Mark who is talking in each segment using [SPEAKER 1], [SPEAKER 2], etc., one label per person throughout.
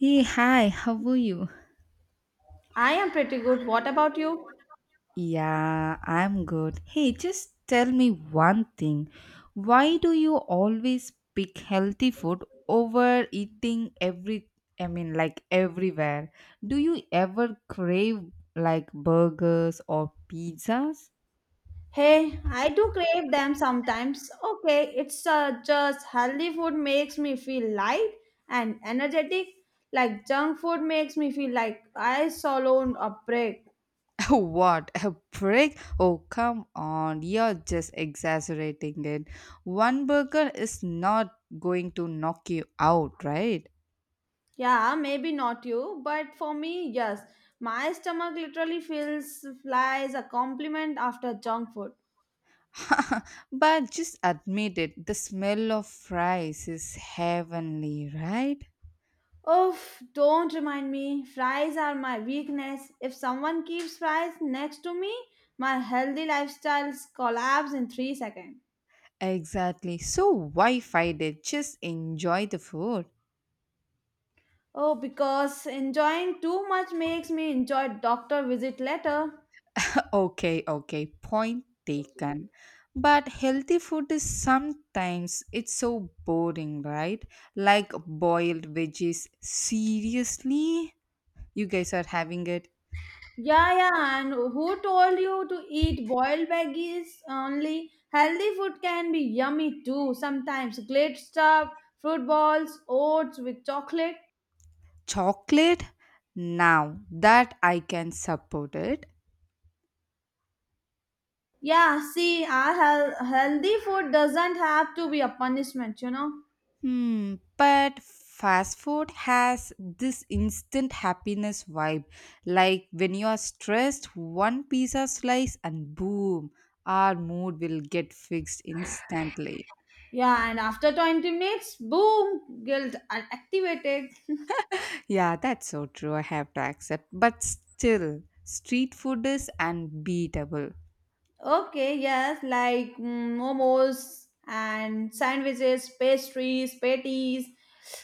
[SPEAKER 1] Hey, hi, how are you?
[SPEAKER 2] I am pretty good. What about you?
[SPEAKER 1] Yeah, I'm good. Hey, just tell me one thing. Why do you always pick healthy food over eating every, I mean, like everywhere? Do you ever crave like burgers or pizzas?
[SPEAKER 2] Hey, I do crave them sometimes. Okay, it's just healthy food makes me feel light and energetic. Like junk food makes me feel like I swallowed a brick.
[SPEAKER 1] What a prick! Oh, come on, you're just exaggerating it. One burger is not going to knock you out, right?
[SPEAKER 2] Yeah, maybe not you, but for me, yes. My stomach literally feels flies a compliment after junk food.
[SPEAKER 1] But just admit it, the smell of fries is heavenly, right?
[SPEAKER 2] Oof, don't remind me. Fries are my weakness. If someone keeps fries next to me, my healthy lifestyle collapse in 3 seconds.
[SPEAKER 1] Exactly. So why fight it? Just enjoy the food.
[SPEAKER 2] Oh, because enjoying too much makes me enjoy doctor visit later.
[SPEAKER 1] Okay, okay. Point taken. But healthy food is sometimes it's so boring, right? Like boiled veggies. Seriously? You guys are having it
[SPEAKER 2] Yeah, yeah, and who told you to eat boiled veggies only? Healthy food can be yummy too. Sometimes glazed stuff, fruit balls, oats with chocolate.
[SPEAKER 1] chocolate? Now that I can support it.
[SPEAKER 2] Yeah, see, our healthy food doesn't have to be a punishment, you know.
[SPEAKER 1] Hmm, but fast food has this instant happiness vibe. Like when you are stressed, one pizza slice and boom, our mood will get fixed instantly.
[SPEAKER 2] Yeah, and after 20 minutes, boom, guilt activated.
[SPEAKER 1] Yeah, that's so true. I have to accept. But still, street food is unbeatable.
[SPEAKER 2] Okay, yes, like momos and sandwiches, pastries, patties.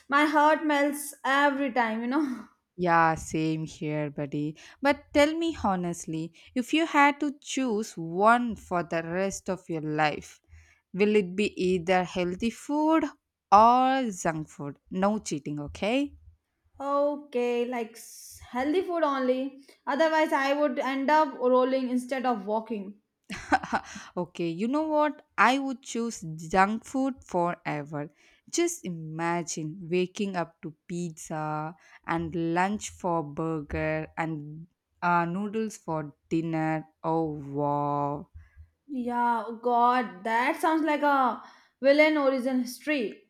[SPEAKER 2] My heart melts every time, you know.
[SPEAKER 1] Yeah, same here, buddy. But tell me honestly, if you had to choose one for the rest of your life, will it be either healthy food or junk food? No cheating, okay?
[SPEAKER 2] Okay, like healthy food only. Otherwise, I would end up rolling instead of walking.
[SPEAKER 1] Okay, you know what? I would choose junk food forever. Just imagine waking up to pizza and lunch for burger and noodles for dinner. Oh, wow.
[SPEAKER 2] Yeah, oh God, that sounds like a villain origin history.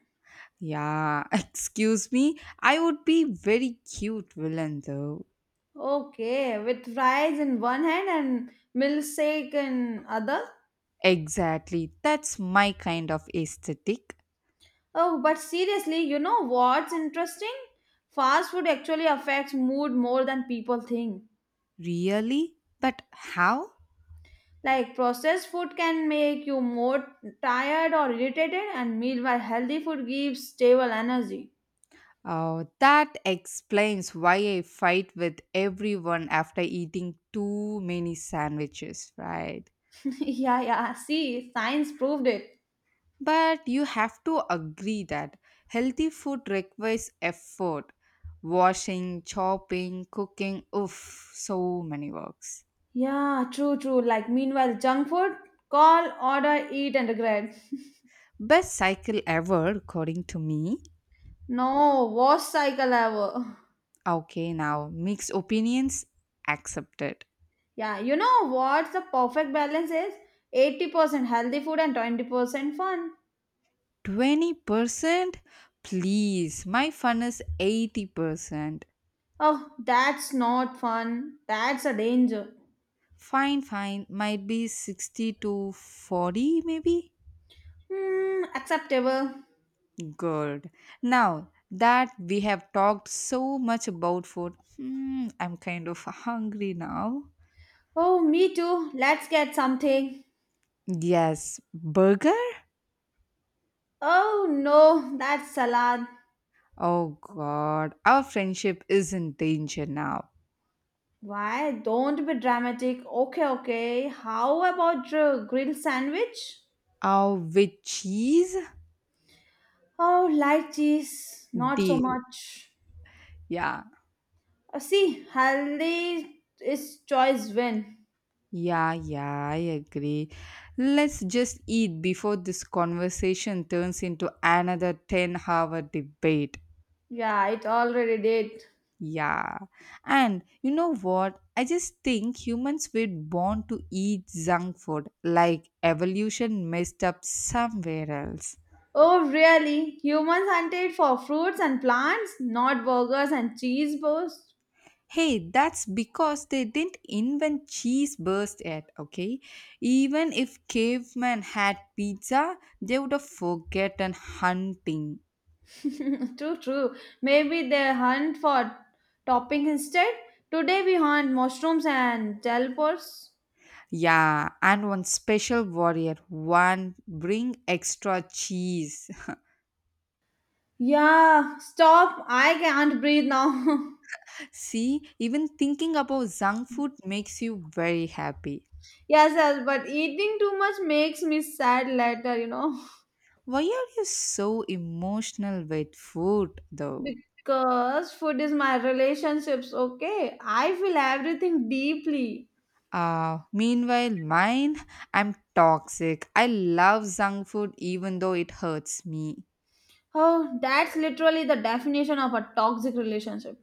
[SPEAKER 1] Yeah, excuse me. I would be very cute villain though.
[SPEAKER 2] Okay, with fries in one hand and milkshake in other.
[SPEAKER 1] Exactly. That's my kind of aesthetic.
[SPEAKER 2] Oh, but seriously, you know what's interesting? Fast food actually affects mood more than people think.
[SPEAKER 1] Really? But how?
[SPEAKER 2] Like processed food can make you more tired or irritated, and meanwhile, healthy food gives stable energy.
[SPEAKER 1] Oh, that explains why I fight with everyone after eating too many sandwiches, right?
[SPEAKER 2] yeah, yeah. See, science proved it.
[SPEAKER 1] But you have to agree that healthy food requires effort. Washing, chopping, cooking, oof, so many works.
[SPEAKER 2] Yeah, true, true. Like meanwhile, junk food, call, order, eat, and regret.
[SPEAKER 1] Best cycle ever, according to me.
[SPEAKER 2] No, worst cycle ever.
[SPEAKER 1] Okay, now mixed opinions accepted.
[SPEAKER 2] Yeah, you know what the perfect balance is? 80% healthy food and 20% fun.
[SPEAKER 1] 20%? Please, my fun is 80%.
[SPEAKER 2] Oh, that's not fun. That's a danger.
[SPEAKER 1] Fine, fine, might be 60 to 40, maybe?
[SPEAKER 2] Hmm, acceptable.
[SPEAKER 1] Good. Now that we have talked so much about food, hmm, I'm kind of hungry now.
[SPEAKER 2] Oh, me too. Let's get something.
[SPEAKER 1] Yes, burger?
[SPEAKER 2] Oh no, that's salad.
[SPEAKER 1] Oh god, our friendship is in danger now.
[SPEAKER 2] Why? Don't be dramatic. Okay, okay. How about grilled sandwich?
[SPEAKER 1] Oh, with cheese?
[SPEAKER 2] Oh, light cheese. Not so
[SPEAKER 1] Deal.
[SPEAKER 2] much.
[SPEAKER 1] Yeah.
[SPEAKER 2] See, healthy is choice win.
[SPEAKER 1] Yeah, yeah, I agree. Let's just eat before this conversation turns into another 10-hour hour debate.
[SPEAKER 2] Yeah, it already did.
[SPEAKER 1] Yeah. And you know what? I just think humans were born to eat junk food, like evolution messed up somewhere else.
[SPEAKER 2] Oh, really? Humans hunted for fruits and plants, not burgers and cheese bursts?
[SPEAKER 1] Hey, that's because they didn't invent cheese burst yet, okay? Even if cavemen had pizza, they would have forgotten hunting.
[SPEAKER 2] true, true. Maybe they hunt for toppings instead. Today we hunt mushrooms and jellipods.
[SPEAKER 1] Yeah, and one special warrior, one bring extra cheese.
[SPEAKER 2] Yeah, stop. I can't breathe now.
[SPEAKER 1] See, even thinking about junk food makes you very happy.
[SPEAKER 2] yes, yes, but eating too much makes me sad later, you know.
[SPEAKER 1] Why are you so emotional with food though?
[SPEAKER 2] Because food is my relationships, okay? I feel everything deeply.
[SPEAKER 1] Meanwhile, mine, I'm toxic. I love junk food even though it hurts me.
[SPEAKER 2] Oh, that's literally the definition of a toxic relationship.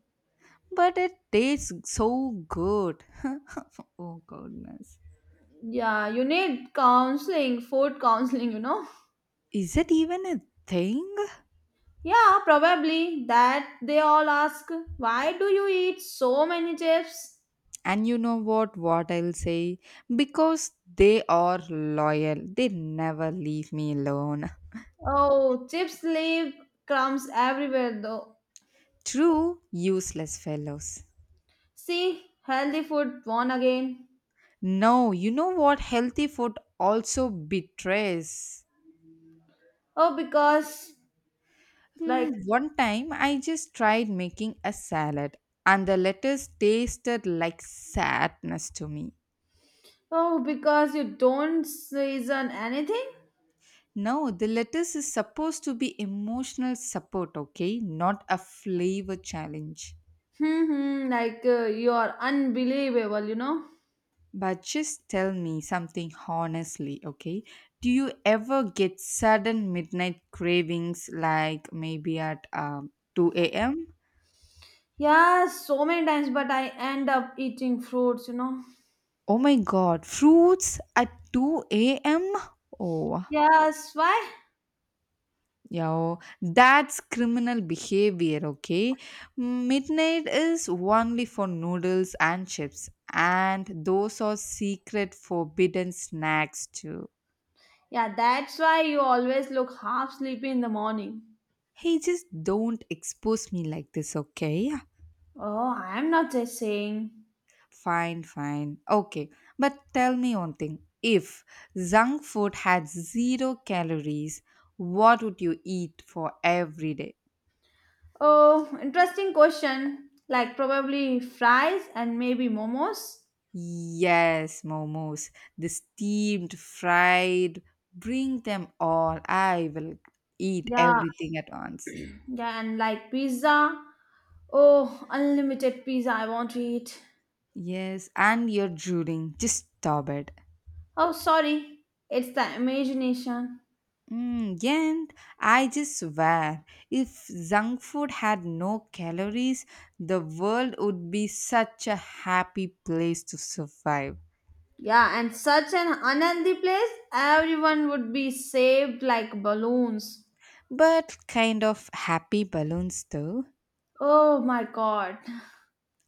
[SPEAKER 1] But it tastes so good. Oh, goodness.
[SPEAKER 2] Yeah, you need counseling, food counseling, you know.
[SPEAKER 1] Is it even a thing?
[SPEAKER 2] Yeah, probably that they all ask, why do you eat so many chips?
[SPEAKER 1] And you know what? What I'll say? Because they are loyal, they never leave me alone.
[SPEAKER 2] Oh, chips leave crumbs everywhere though.
[SPEAKER 1] True, useless fellows.
[SPEAKER 2] See, healthy food won again.
[SPEAKER 1] No, you know what? Healthy food also betrays.
[SPEAKER 2] Oh, because like
[SPEAKER 1] Hmm, one time I just tried making a salad and the lettuce tasted like sadness to me.
[SPEAKER 2] oh, because you don't season anything?
[SPEAKER 1] No, the lettuce is supposed to be emotional support, okay? Not a flavor challenge.
[SPEAKER 2] Hmm, hmm, like you are unbelievable, you know.
[SPEAKER 1] But just tell me something honestly, okay? Do you ever get sudden midnight cravings like maybe at 2 a.m.?
[SPEAKER 2] Yeah, so many times, but I end up eating fruits, you know.
[SPEAKER 1] Oh my god, fruits at 2 a.m.? Oh,
[SPEAKER 2] Yes, why?
[SPEAKER 1] yeah, oh, that's criminal behavior, okay? Midnight is only for noodles and chips, and those are secret forbidden snacks too.
[SPEAKER 2] Yeah, that's why you always look half sleepy in the morning.
[SPEAKER 1] Hey, just don't expose me like this, okay?
[SPEAKER 2] Oh, I'm not just saying.
[SPEAKER 1] Fine, fine. Okay, but tell me one thing. If junk food had zero calories, what would you eat for every day?
[SPEAKER 2] Oh, interesting question. Like probably fries and maybe momos.
[SPEAKER 1] Yes, momos. The steamed, fried, bring them all. I will eat
[SPEAKER 2] Yeah,
[SPEAKER 1] everything at once.
[SPEAKER 2] yeah, and like pizza. Oh, unlimited pizza I want to eat.
[SPEAKER 1] Yes, and you're drooling. Just stop it.
[SPEAKER 2] Oh, sorry. It's the imagination.
[SPEAKER 1] Mm, yeah, I just swear, if junk food had no calories, the world would be such a happy place to survive.
[SPEAKER 2] Yeah, and such an unhealthy place, everyone would be saved like balloons.
[SPEAKER 1] But kind of happy balloons, though.
[SPEAKER 2] Oh my god.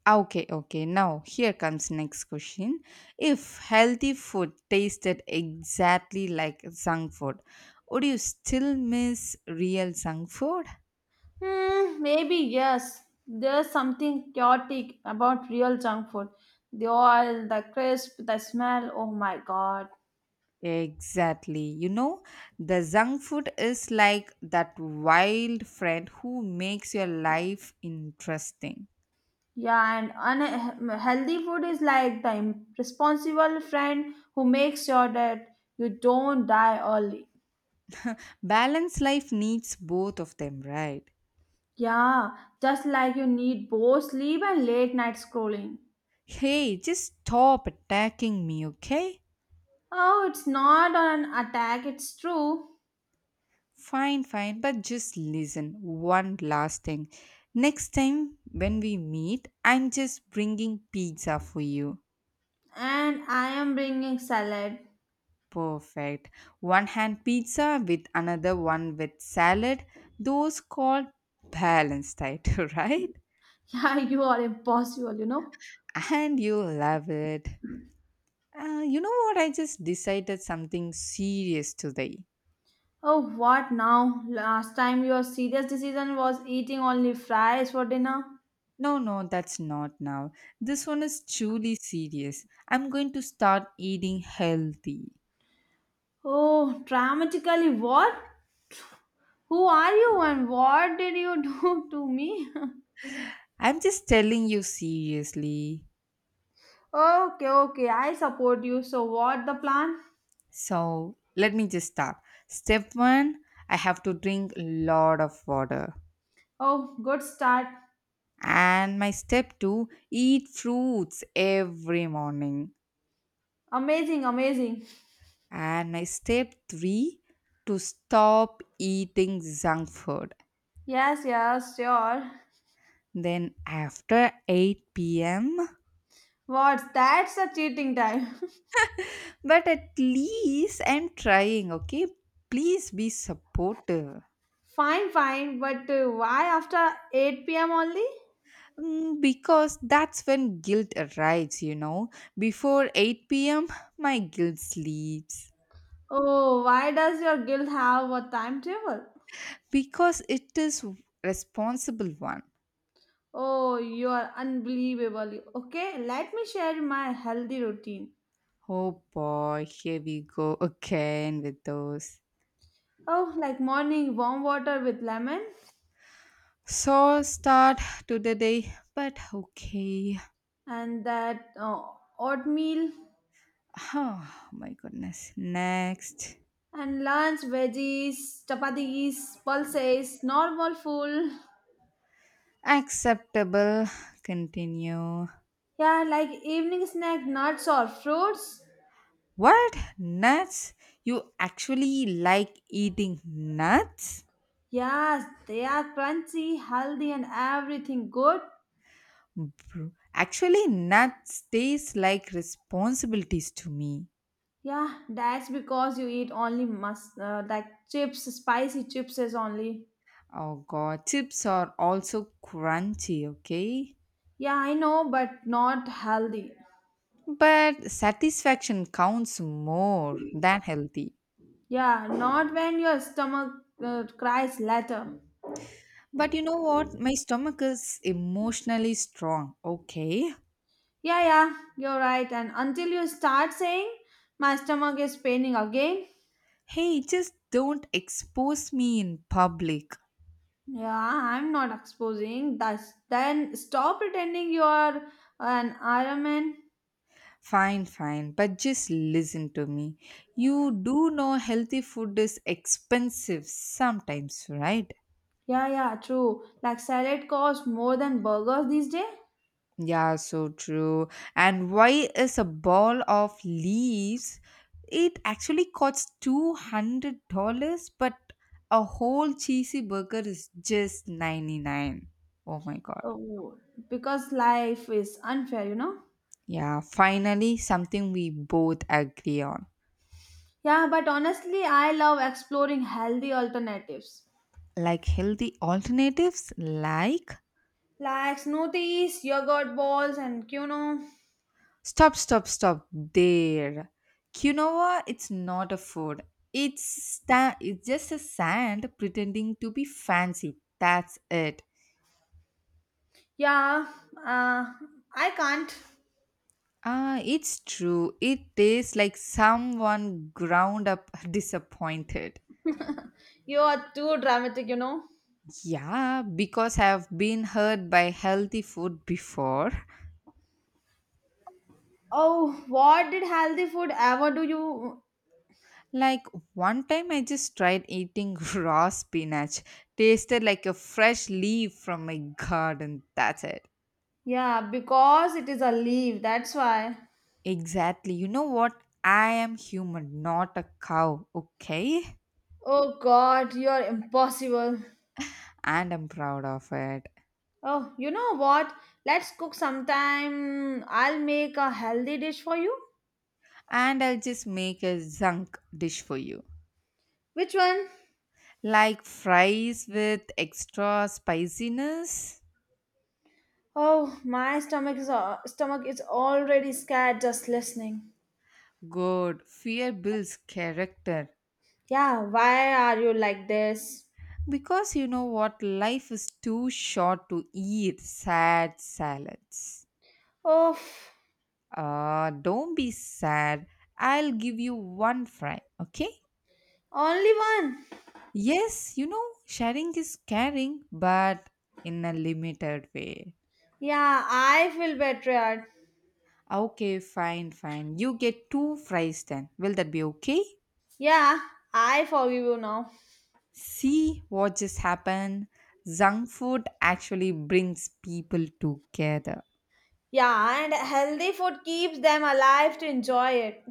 [SPEAKER 1] Ah, okay, okay. Now, here comes next question. If healthy food tasted exactly like junk food, would you still miss real junk food?
[SPEAKER 2] Hmm, maybe yes. There's something chaotic about real junk food. The oil, the crisp, the smell. Oh my god.
[SPEAKER 1] Exactly. You know, the junk food is like that wild friend who makes your life interesting.
[SPEAKER 2] Yeah, and unhealthy food is like the irresponsible friend who makes sure that you don't die early.
[SPEAKER 1] Balanced life needs both of them, right?
[SPEAKER 2] Yeah, just like you need both sleep and late night scrolling.
[SPEAKER 1] Hey, just stop attacking me, okay?
[SPEAKER 2] Oh, it's not an attack, it's true.
[SPEAKER 1] Fine, fine, but just listen. One last thing. Next time when we meet, I'm just bringing pizza for you.
[SPEAKER 2] And I am bringing salad.
[SPEAKER 1] Perfect. One hand pizza with another one with salad. Those called balanced diet, right?
[SPEAKER 2] Yeah, you are impossible, you know.
[SPEAKER 1] And you love it. You know what? I just decided something serious today.
[SPEAKER 2] Oh, what now? Last time your serious decision was eating only fries for dinner.
[SPEAKER 1] No, no, that's not now. This one is truly serious. I'm going to start eating healthy.
[SPEAKER 2] Oh, dramatically, what? Who are you and what did you do to me?
[SPEAKER 1] I'm just telling you seriously.
[SPEAKER 2] okay, okay, I support you. So, what the plan?
[SPEAKER 1] So let me just start. Step one, I have to drink a lot of water.
[SPEAKER 2] Oh, good start.
[SPEAKER 1] And my step two, eat fruits every morning.
[SPEAKER 2] Amazing, amazing.
[SPEAKER 1] And my step three, to stop eating junk food.
[SPEAKER 2] Yes, yes, sure.
[SPEAKER 1] Then after 8 p.m.,
[SPEAKER 2] What? That's a cheating time.
[SPEAKER 1] but at least I'm trying, okay? Please be supportive.
[SPEAKER 2] Fine, fine, but why after 8 p.m. only?
[SPEAKER 1] Mm, because that's when guilt arrives, you know. Before 8 p.m., my guilt sleeps.
[SPEAKER 2] Oh, why does your guild have a timetable?
[SPEAKER 1] Because it is responsible one.
[SPEAKER 2] Oh, you are unbelievable. Okay, let me share my healthy routine.
[SPEAKER 1] Oh boy, here we go again with those.
[SPEAKER 2] Oh, like morning warm water with lemon,
[SPEAKER 1] So start to the day, but okay.
[SPEAKER 2] and that oatmeal,
[SPEAKER 1] Oh my goodness. Next.
[SPEAKER 2] and lunch veggies, chapatis, pulses, normal food.
[SPEAKER 1] Acceptable. Continue.
[SPEAKER 2] Yeah, like evening snack, nuts or fruits.
[SPEAKER 1] What? Nuts? You actually like eating nuts?
[SPEAKER 2] Yes, they are crunchy, healthy, and everything good.
[SPEAKER 1] Bro. Actually, nuts taste like responsibilities to me.
[SPEAKER 2] Yeah, that's because you eat only mus like chips, spicy chips is only.
[SPEAKER 1] Oh god, chips are also crunchy, okay?
[SPEAKER 2] Yeah, I know, but not healthy.
[SPEAKER 1] But satisfaction counts more than healthy.
[SPEAKER 2] Yeah, not when your stomach cries later.
[SPEAKER 1] But you know what? My stomach is emotionally strong, okay?
[SPEAKER 2] Yeah, yeah, you're right. And until you start saying, my stomach is paining again.
[SPEAKER 1] Hey, just don't expose me in public.
[SPEAKER 2] Yeah, I'm not exposing. That's then stop pretending you're an Iron Man.
[SPEAKER 1] Fine, fine, but just listen to me. You do know healthy food is expensive sometimes, right?
[SPEAKER 2] Yeah, yeah, true. Like salad costs more than burgers these days.
[SPEAKER 1] Yeah, so true. And why is a ball of leaves? It actually costs $200, but a whole cheesy burger is just 99. Oh my god.
[SPEAKER 2] Oh, because life is unfair, you know?
[SPEAKER 1] Yeah, finally something we both agree on.
[SPEAKER 2] Yeah, but honestly, I love exploring healthy alternatives
[SPEAKER 1] Like healthy alternatives like
[SPEAKER 2] like smoothies, yogurt balls, and quinoa.
[SPEAKER 1] stop stop stop there. Quinoa it's not a food. It's just a sand pretending to be fancy. That's it.
[SPEAKER 2] Yeah, uh, I can't.
[SPEAKER 1] Ah, it's true. It tastes like someone ground up disappointed.
[SPEAKER 2] You are too dramatic, you know?
[SPEAKER 1] Yeah, because I've been hurt by healthy food before.
[SPEAKER 2] Oh, what did healthy food ever do you?
[SPEAKER 1] Like one time I just tried eating raw spinach. Tasted like a fresh leaf from my garden. That's it.
[SPEAKER 2] Yeah, because it is a leaf, that's why.
[SPEAKER 1] Exactly. You know what? I am human, not a cow, okay?
[SPEAKER 2] Oh god, you're impossible.
[SPEAKER 1] And I'm proud of it.
[SPEAKER 2] Oh, you know what? Let's cook sometime. I'll make a healthy dish for you.
[SPEAKER 1] And I'll just make a zunk dish for you.
[SPEAKER 2] Which one?
[SPEAKER 1] Like fries with extra spiciness?
[SPEAKER 2] Oh, my stomach is already scared just listening.
[SPEAKER 1] Good. Fear builds character.
[SPEAKER 2] Yeah, why are you like this?
[SPEAKER 1] Because you know what? Life is too short to eat sad salads.
[SPEAKER 2] Oh,
[SPEAKER 1] Ah, don't be sad. I'll give you one fry, okay?
[SPEAKER 2] only one.
[SPEAKER 1] Yes, you know, sharing is caring, but in a limited way.
[SPEAKER 2] Yeah, I feel betrayed.
[SPEAKER 1] Okay, fine, fine. You get two fries then. Will that be okay?
[SPEAKER 2] Yeah, I forgive you now.
[SPEAKER 1] See what just happened? Junk food actually brings people together.
[SPEAKER 2] Yeah, and healthy food keeps them alive to enjoy it.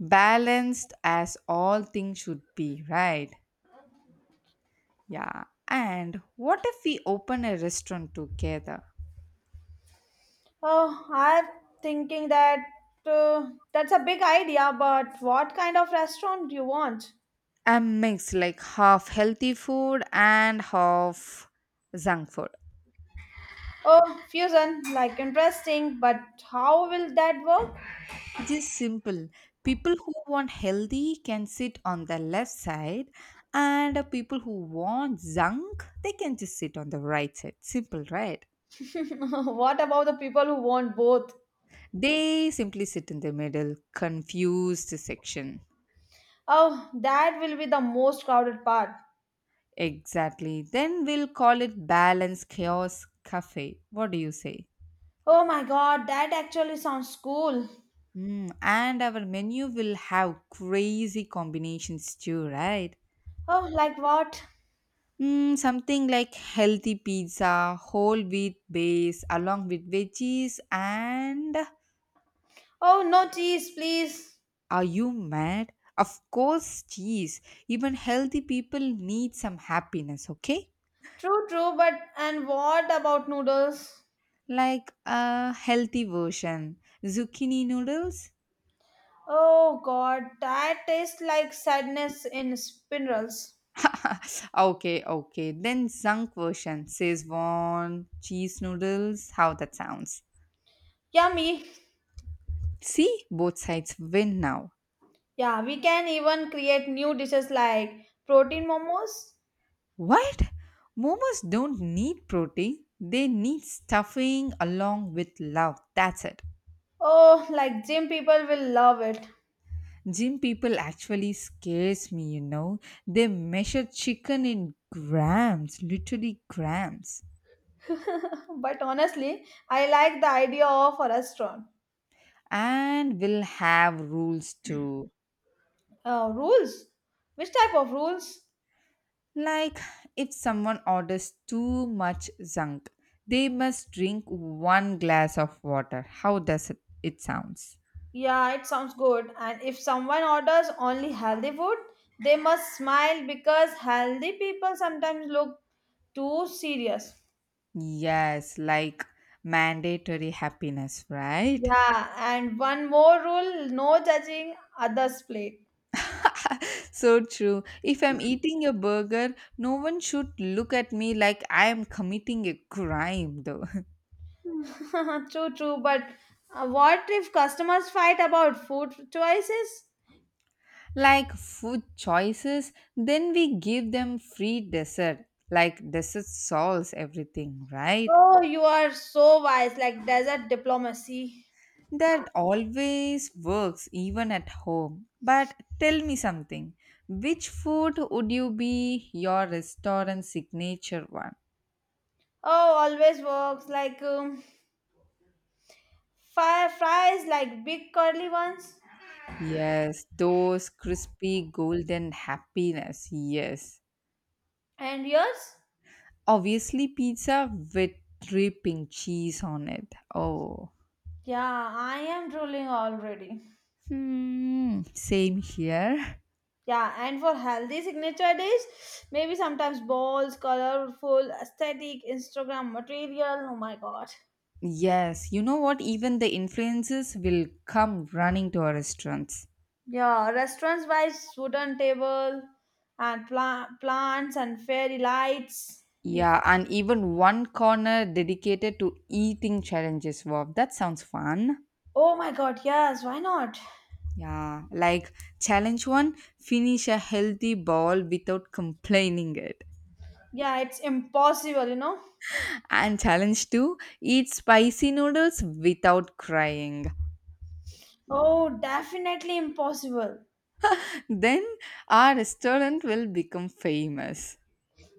[SPEAKER 1] Balanced as all things should be, right? Yeah. And what if we open a restaurant together?
[SPEAKER 2] Oh, I'm thinking that's a big idea, but what kind of restaurant do you want?
[SPEAKER 1] A mix like half healthy food and half junk food.
[SPEAKER 2] Oh, fusion, like interesting, but how will that work?
[SPEAKER 1] Just simple. People who want healthy can sit on the left side, and people who want junk, they can just sit on the right side. Simple, right?
[SPEAKER 2] what about the people who want both?
[SPEAKER 1] They simply sit in the middle, confused section.
[SPEAKER 2] Oh, that will be the most crowded part.
[SPEAKER 1] Exactly. Then we'll call it Balance Chaos Cafe. What do you say?
[SPEAKER 2] Oh my god, that actually sounds cool.
[SPEAKER 1] Mm, and our menu will have crazy combinations too, right?
[SPEAKER 2] Oh, like what?
[SPEAKER 1] Mm, something like healthy pizza, whole wheat base, along with veggies, and
[SPEAKER 2] Oh, no cheese, please.
[SPEAKER 1] are you mad? Of course, cheese. Even healthy people need some happiness, okay?
[SPEAKER 2] True, true, but and what about noodles?
[SPEAKER 1] Like a healthy version. Zucchini noodles?
[SPEAKER 2] Oh god, that tastes like sadness in spirals.
[SPEAKER 1] Okay, okay. Then zunk version. Szechuan cheese noodles. How that sounds.
[SPEAKER 2] Yummy.
[SPEAKER 1] See, both sides win now.
[SPEAKER 2] Yeah, we can even create new dishes like protein momos.
[SPEAKER 1] What? Momos don't need protein. They need stuffing along with love. That's it.
[SPEAKER 2] Oh, like gym people will love it.
[SPEAKER 1] Gym people actually scares me, you know. They measure chicken in grams, literally grams.
[SPEAKER 2] But honestly, I like the idea of a restaurant.
[SPEAKER 1] And we'll have rules too.
[SPEAKER 2] Rules? Which type of rules?
[SPEAKER 1] Like if someone orders too much junk, they must drink one glass of water. How does it sounds?
[SPEAKER 2] Yeah, it sounds good. And if someone orders only healthy food, they must smile because healthy people sometimes look too serious.
[SPEAKER 1] Yes, like mandatory happiness, right?
[SPEAKER 2] Yeah, and one more rule no judging others' plate.
[SPEAKER 1] So true. If I'm eating a burger, no one should look at me like I am committing a crime though.
[SPEAKER 2] true, true. But what if customers fight about food choices?
[SPEAKER 1] Like food choices, then we give them free dessert. Like dessert solves everything, right?
[SPEAKER 2] Oh, you are so wise, like desert diplomacy.
[SPEAKER 1] That always works even at home. But tell me something. Which food would you be your restaurant signature one?
[SPEAKER 2] Oh, always works like fire fries, like big curly ones.
[SPEAKER 1] Yes, those crispy golden happiness. Yes.
[SPEAKER 2] And yours?
[SPEAKER 1] Obviously pizza with dripping cheese on it. Oh.
[SPEAKER 2] Yeah, I am drooling already.
[SPEAKER 1] Hmm, same here.
[SPEAKER 2] Yeah, and for healthy signature dish, maybe sometimes balls, colorful, aesthetic, Instagram material. Oh my god.
[SPEAKER 1] Yes, you know what? Even the influences will come running to our restaurants.
[SPEAKER 2] Yeah, restaurants wise, wooden table and plants and fairy lights.
[SPEAKER 1] Yeah, and even one corner dedicated to eating challenges. Wow, that sounds fun.
[SPEAKER 2] Oh my god, yes, why not?
[SPEAKER 1] Yeah, like challenge one, finish a healthy bowl without complaining it.
[SPEAKER 2] Yeah, it's impossible, you know.
[SPEAKER 1] And challenge two, eat spicy noodles without crying.
[SPEAKER 2] Oh, definitely impossible.
[SPEAKER 1] Then our restaurant will become famous.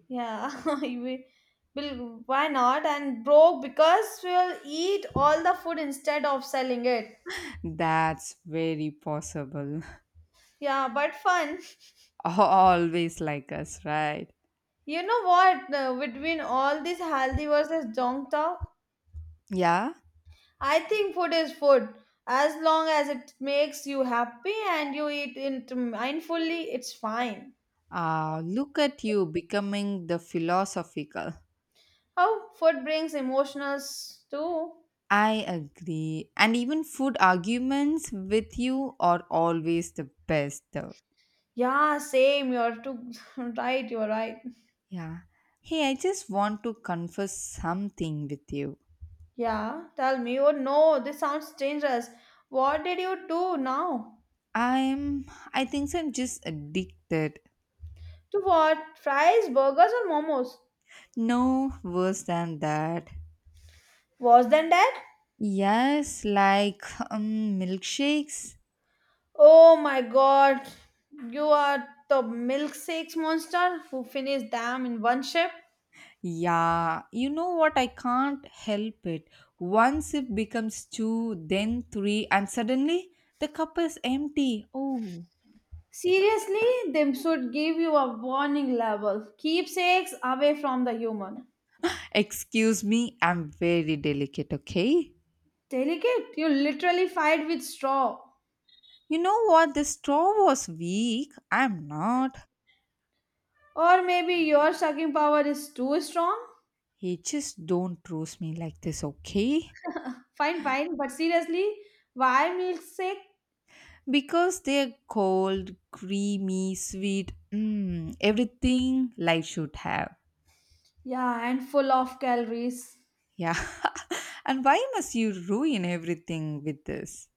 [SPEAKER 2] Yeah, we will. Why not? And broke because we'll eat all the food instead of selling it.
[SPEAKER 1] That's very possible.
[SPEAKER 2] Yeah, but fun.
[SPEAKER 1] Always like us, right?
[SPEAKER 2] You know what? Uh, between all this healthy versus junk talk,
[SPEAKER 1] Yeah.
[SPEAKER 2] I think food is food. As long as it makes you happy and you eat it mindfully, it's fine.
[SPEAKER 1] Look at you becoming the philosophical.
[SPEAKER 2] Oh, food brings emotions too.
[SPEAKER 1] I agree. And even food arguments with you are always the best, though.
[SPEAKER 2] Yeah, same. You're too right. You're right.
[SPEAKER 1] Yeah. Hey, I just want to confess something with you.
[SPEAKER 2] Yeah, tell me. Oh no, this sounds dangerous. What did you do now?
[SPEAKER 1] I'm, I think so I'm just addicted.
[SPEAKER 2] To what? Fries, burgers, or momos?
[SPEAKER 1] No worse than that.
[SPEAKER 2] Worse than that?
[SPEAKER 1] Yes, like milkshakes.
[SPEAKER 2] Oh my god, you are the milkshakes monster who finished them in one ship.
[SPEAKER 1] Yeah, you know what? I can't help it. Once it becomes two, then three, and suddenly the cup is empty. Oh,
[SPEAKER 2] Seriously, they should give you a warning level. Keepsakes away from the human.
[SPEAKER 1] excuse me, I'm very delicate, okay?
[SPEAKER 2] Delicate, you literally fight with straw.
[SPEAKER 1] You know what? The straw was weak. I'm not.
[SPEAKER 2] Or maybe your sucking power is too strong?
[SPEAKER 1] You just don't roast me like this, okay?
[SPEAKER 2] Fine, fine, but seriously, why milkshake?
[SPEAKER 1] Because they're cold, creamy, sweet, mm, everything life should have.
[SPEAKER 2] Yeah, and full of calories.
[SPEAKER 1] Yeah. And why must you ruin everything with this?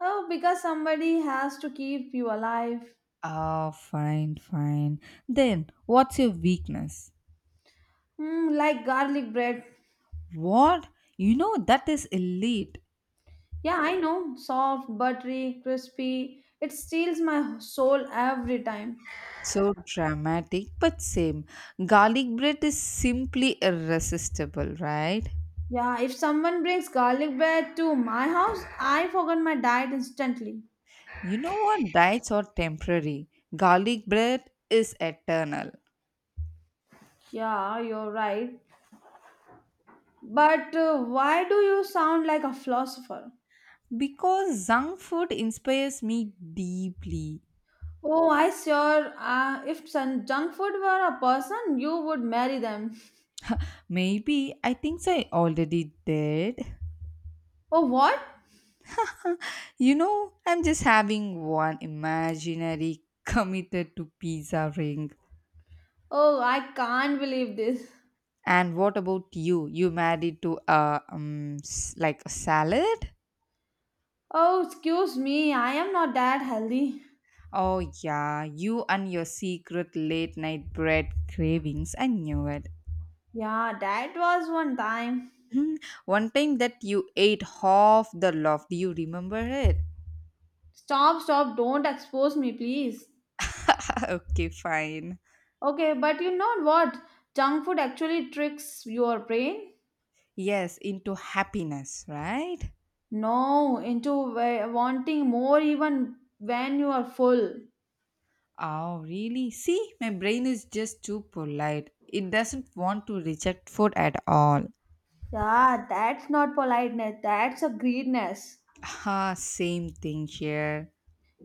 [SPEAKER 2] Oh, because somebody has to keep you alive.
[SPEAKER 1] Oh, fine, fine. Then, what's your weakness?
[SPEAKER 2] Hmm, like garlic bread.
[SPEAKER 1] What? You know that is elite.
[SPEAKER 2] Yeah, I know. Soft, buttery, crispy. It steals my soul every time.
[SPEAKER 1] So dramatic, but same. Garlic bread is simply irresistible, right?
[SPEAKER 2] Yeah, if someone brings garlic bread to my house, I forget my diet instantly.
[SPEAKER 1] You know what? Diets are temporary. Garlic bread is eternal.
[SPEAKER 2] Yeah, you're right. But why do you sound like a philosopher?
[SPEAKER 1] Because junk food inspires me deeply.
[SPEAKER 2] Oh, I sure. If sun, junk food were a person, you would marry them.
[SPEAKER 1] Maybe I think so, I already did.
[SPEAKER 2] Oh, what?
[SPEAKER 1] You know, I'm just having one imaginary committed to pizza ring.
[SPEAKER 2] Oh, I can't believe this.
[SPEAKER 1] And what about you? You married to a like a salad?
[SPEAKER 2] Oh, excuse me, I am not that healthy.
[SPEAKER 1] Oh, yeah, you and your secret late night bread cravings. I knew it.
[SPEAKER 2] Yeah, that was one time.
[SPEAKER 1] Hmm, one time that you ate half the loaf, do you remember it?
[SPEAKER 2] Stop, stop, don't expose me, please.
[SPEAKER 1] Okay, fine.
[SPEAKER 2] Okay, but you know what? Junk food actually tricks your brain.
[SPEAKER 1] Yes, into happiness, right?
[SPEAKER 2] No, into wanting more even when you are full.
[SPEAKER 1] Oh, really? See, my brain is just too polite. It doesn't want to reject food at all.
[SPEAKER 2] Yeah, that's not politeness, that's a greediness.
[SPEAKER 1] Ah, same thing here.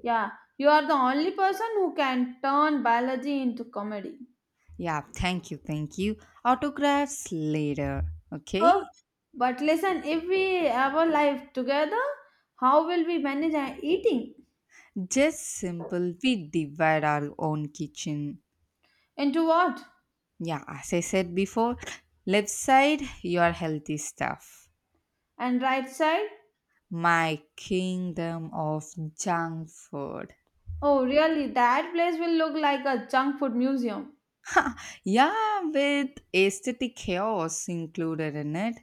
[SPEAKER 2] Yeah, you are the only person who can turn biology into comedy.
[SPEAKER 1] Yeah, thank you, thank you. Autographs later,
[SPEAKER 2] Oh,
[SPEAKER 1] okay?
[SPEAKER 2] but listen, if we ever live together, how will we manage our eating?
[SPEAKER 1] Just simple, we divide our own kitchen.
[SPEAKER 2] Into what?
[SPEAKER 1] Yeah, as I said before, left side your healthy stuff.
[SPEAKER 2] And right side?
[SPEAKER 1] My kingdom of junk food.
[SPEAKER 2] Oh, really, that place will look like a junk food museum.
[SPEAKER 1] Yeah, with aesthetic chaos included in it.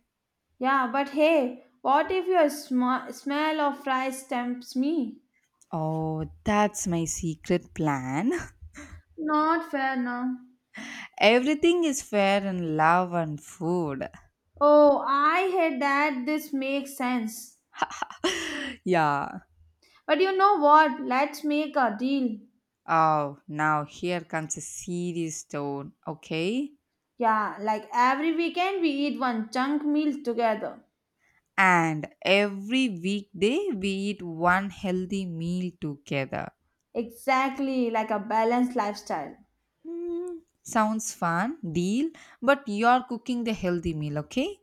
[SPEAKER 2] Yeah, but hey, what if your smell of rice tempts me?
[SPEAKER 1] Oh, that's my secret plan.
[SPEAKER 2] Not fair now.
[SPEAKER 1] Everything is fair in love and food.
[SPEAKER 2] Oh, I hate that. This makes sense.
[SPEAKER 1] Yeah.
[SPEAKER 2] But you know what? Let's make a deal.
[SPEAKER 1] Oh, now here comes a serious tone. Okay.
[SPEAKER 2] Yeah, like every weekend we eat one chunk meal together.
[SPEAKER 1] And every weekday we eat one healthy meal together.
[SPEAKER 2] Exactly like a balanced lifestyle.
[SPEAKER 1] Mm, sounds fun, deal, but you're cooking the healthy meal, okay?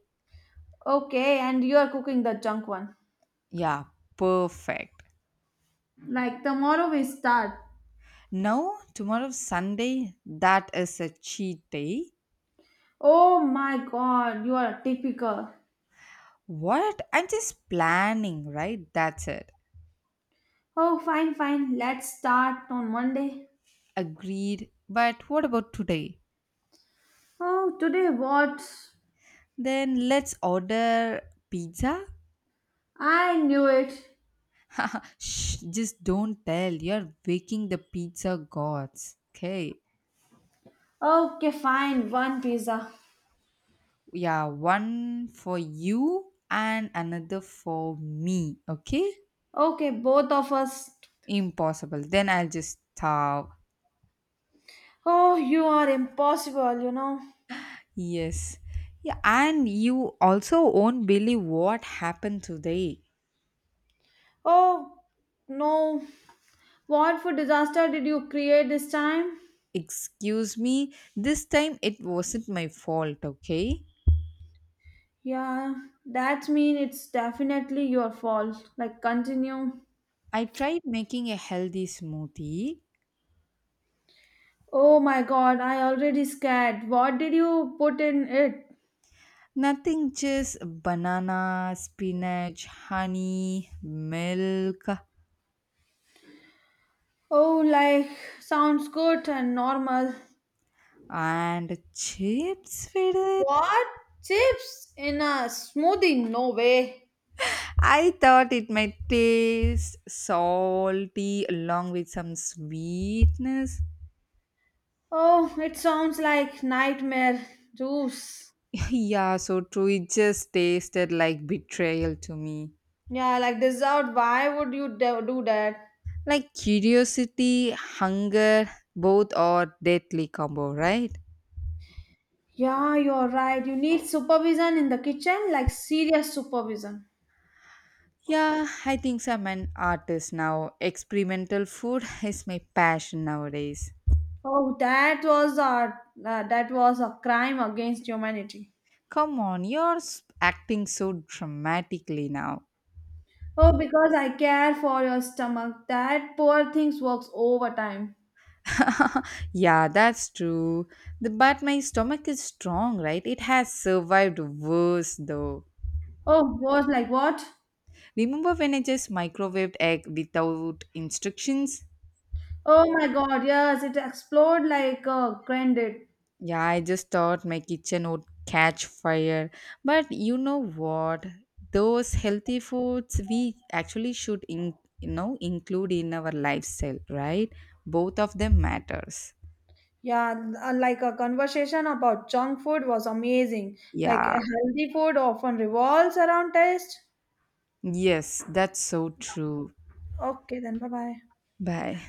[SPEAKER 2] Okay, and you are cooking the junk one.
[SPEAKER 1] Yeah, perfect.
[SPEAKER 2] Like tomorrow we start.
[SPEAKER 1] Now, tomorrow Sunday, that is a cheat day.
[SPEAKER 2] Oh my god, you are typical.
[SPEAKER 1] What? I'm just planning, right? That's it.
[SPEAKER 2] Oh, fine, fine. Let's start on Monday.
[SPEAKER 1] Agreed. But what about today?
[SPEAKER 2] Oh, today what?
[SPEAKER 1] Then let's order pizza.
[SPEAKER 2] I knew it.
[SPEAKER 1] Shh, just don't tell. You're waking the pizza gods. Okay.
[SPEAKER 2] Okay, fine. One pizza.
[SPEAKER 1] Yeah, one for you and another for me, okay?
[SPEAKER 2] Okay, both of us.
[SPEAKER 1] Impossible, then I'll just stop.
[SPEAKER 2] Oh, you are impossible, you know.
[SPEAKER 1] Yes. Yeah, and you also won't believe what happened today.
[SPEAKER 2] Oh, no. What for disaster did you create this time?
[SPEAKER 1] Excuse me, this time it wasn't my fault, okay?
[SPEAKER 2] Yeah, that mean it's definitely your fault. Like continue.
[SPEAKER 1] I tried making a healthy smoothie.
[SPEAKER 2] Oh my god, I already scared. What did you put in it?
[SPEAKER 1] Nothing, just banana, spinach, honey, milk,
[SPEAKER 2] Oh, like sounds good and normal.
[SPEAKER 1] and chips with it.
[SPEAKER 2] What? Chips in a smoothie? No way.
[SPEAKER 1] I thought it might taste salty along with some sweetness.
[SPEAKER 2] Oh, it sounds like nightmare juice.
[SPEAKER 1] Yeah, so true. It just tasted like betrayal to me.
[SPEAKER 2] Yeah, like dessert. Why would you do that?
[SPEAKER 1] Like curiosity, hunger, both are deadly combo, right?
[SPEAKER 2] Yeah, you're right. You need supervision in the kitchen, like serious supervision.
[SPEAKER 1] Yeah, I think so. I'm an artist now. Experimental food is my passion nowadays.
[SPEAKER 2] Oh, that was a crime against humanity.
[SPEAKER 1] Come on, acting so dramatically now.
[SPEAKER 2] Oh, because I care for your stomach. That poor thing works overtime.
[SPEAKER 1] Yeah, that's true. The, but my stomach is strong, right? It has survived worse though.
[SPEAKER 2] Oh, was like what?
[SPEAKER 1] Remember when I just microwaved egg without instructions?
[SPEAKER 2] Oh my God! Yes, it exploded like a grenade.
[SPEAKER 1] Yeah, I just thought my kitchen would catch fire. But you know what? Those healthy foods we actually should in, include in our lifestyle, right? Both of them matters.
[SPEAKER 2] Yeah, like a conversation about junk food was amazing. Like a
[SPEAKER 1] Yeah.
[SPEAKER 2] healthy food often revolves around taste.
[SPEAKER 1] Yes, that's so true.
[SPEAKER 2] Okay, then bye bye.
[SPEAKER 1] Bye.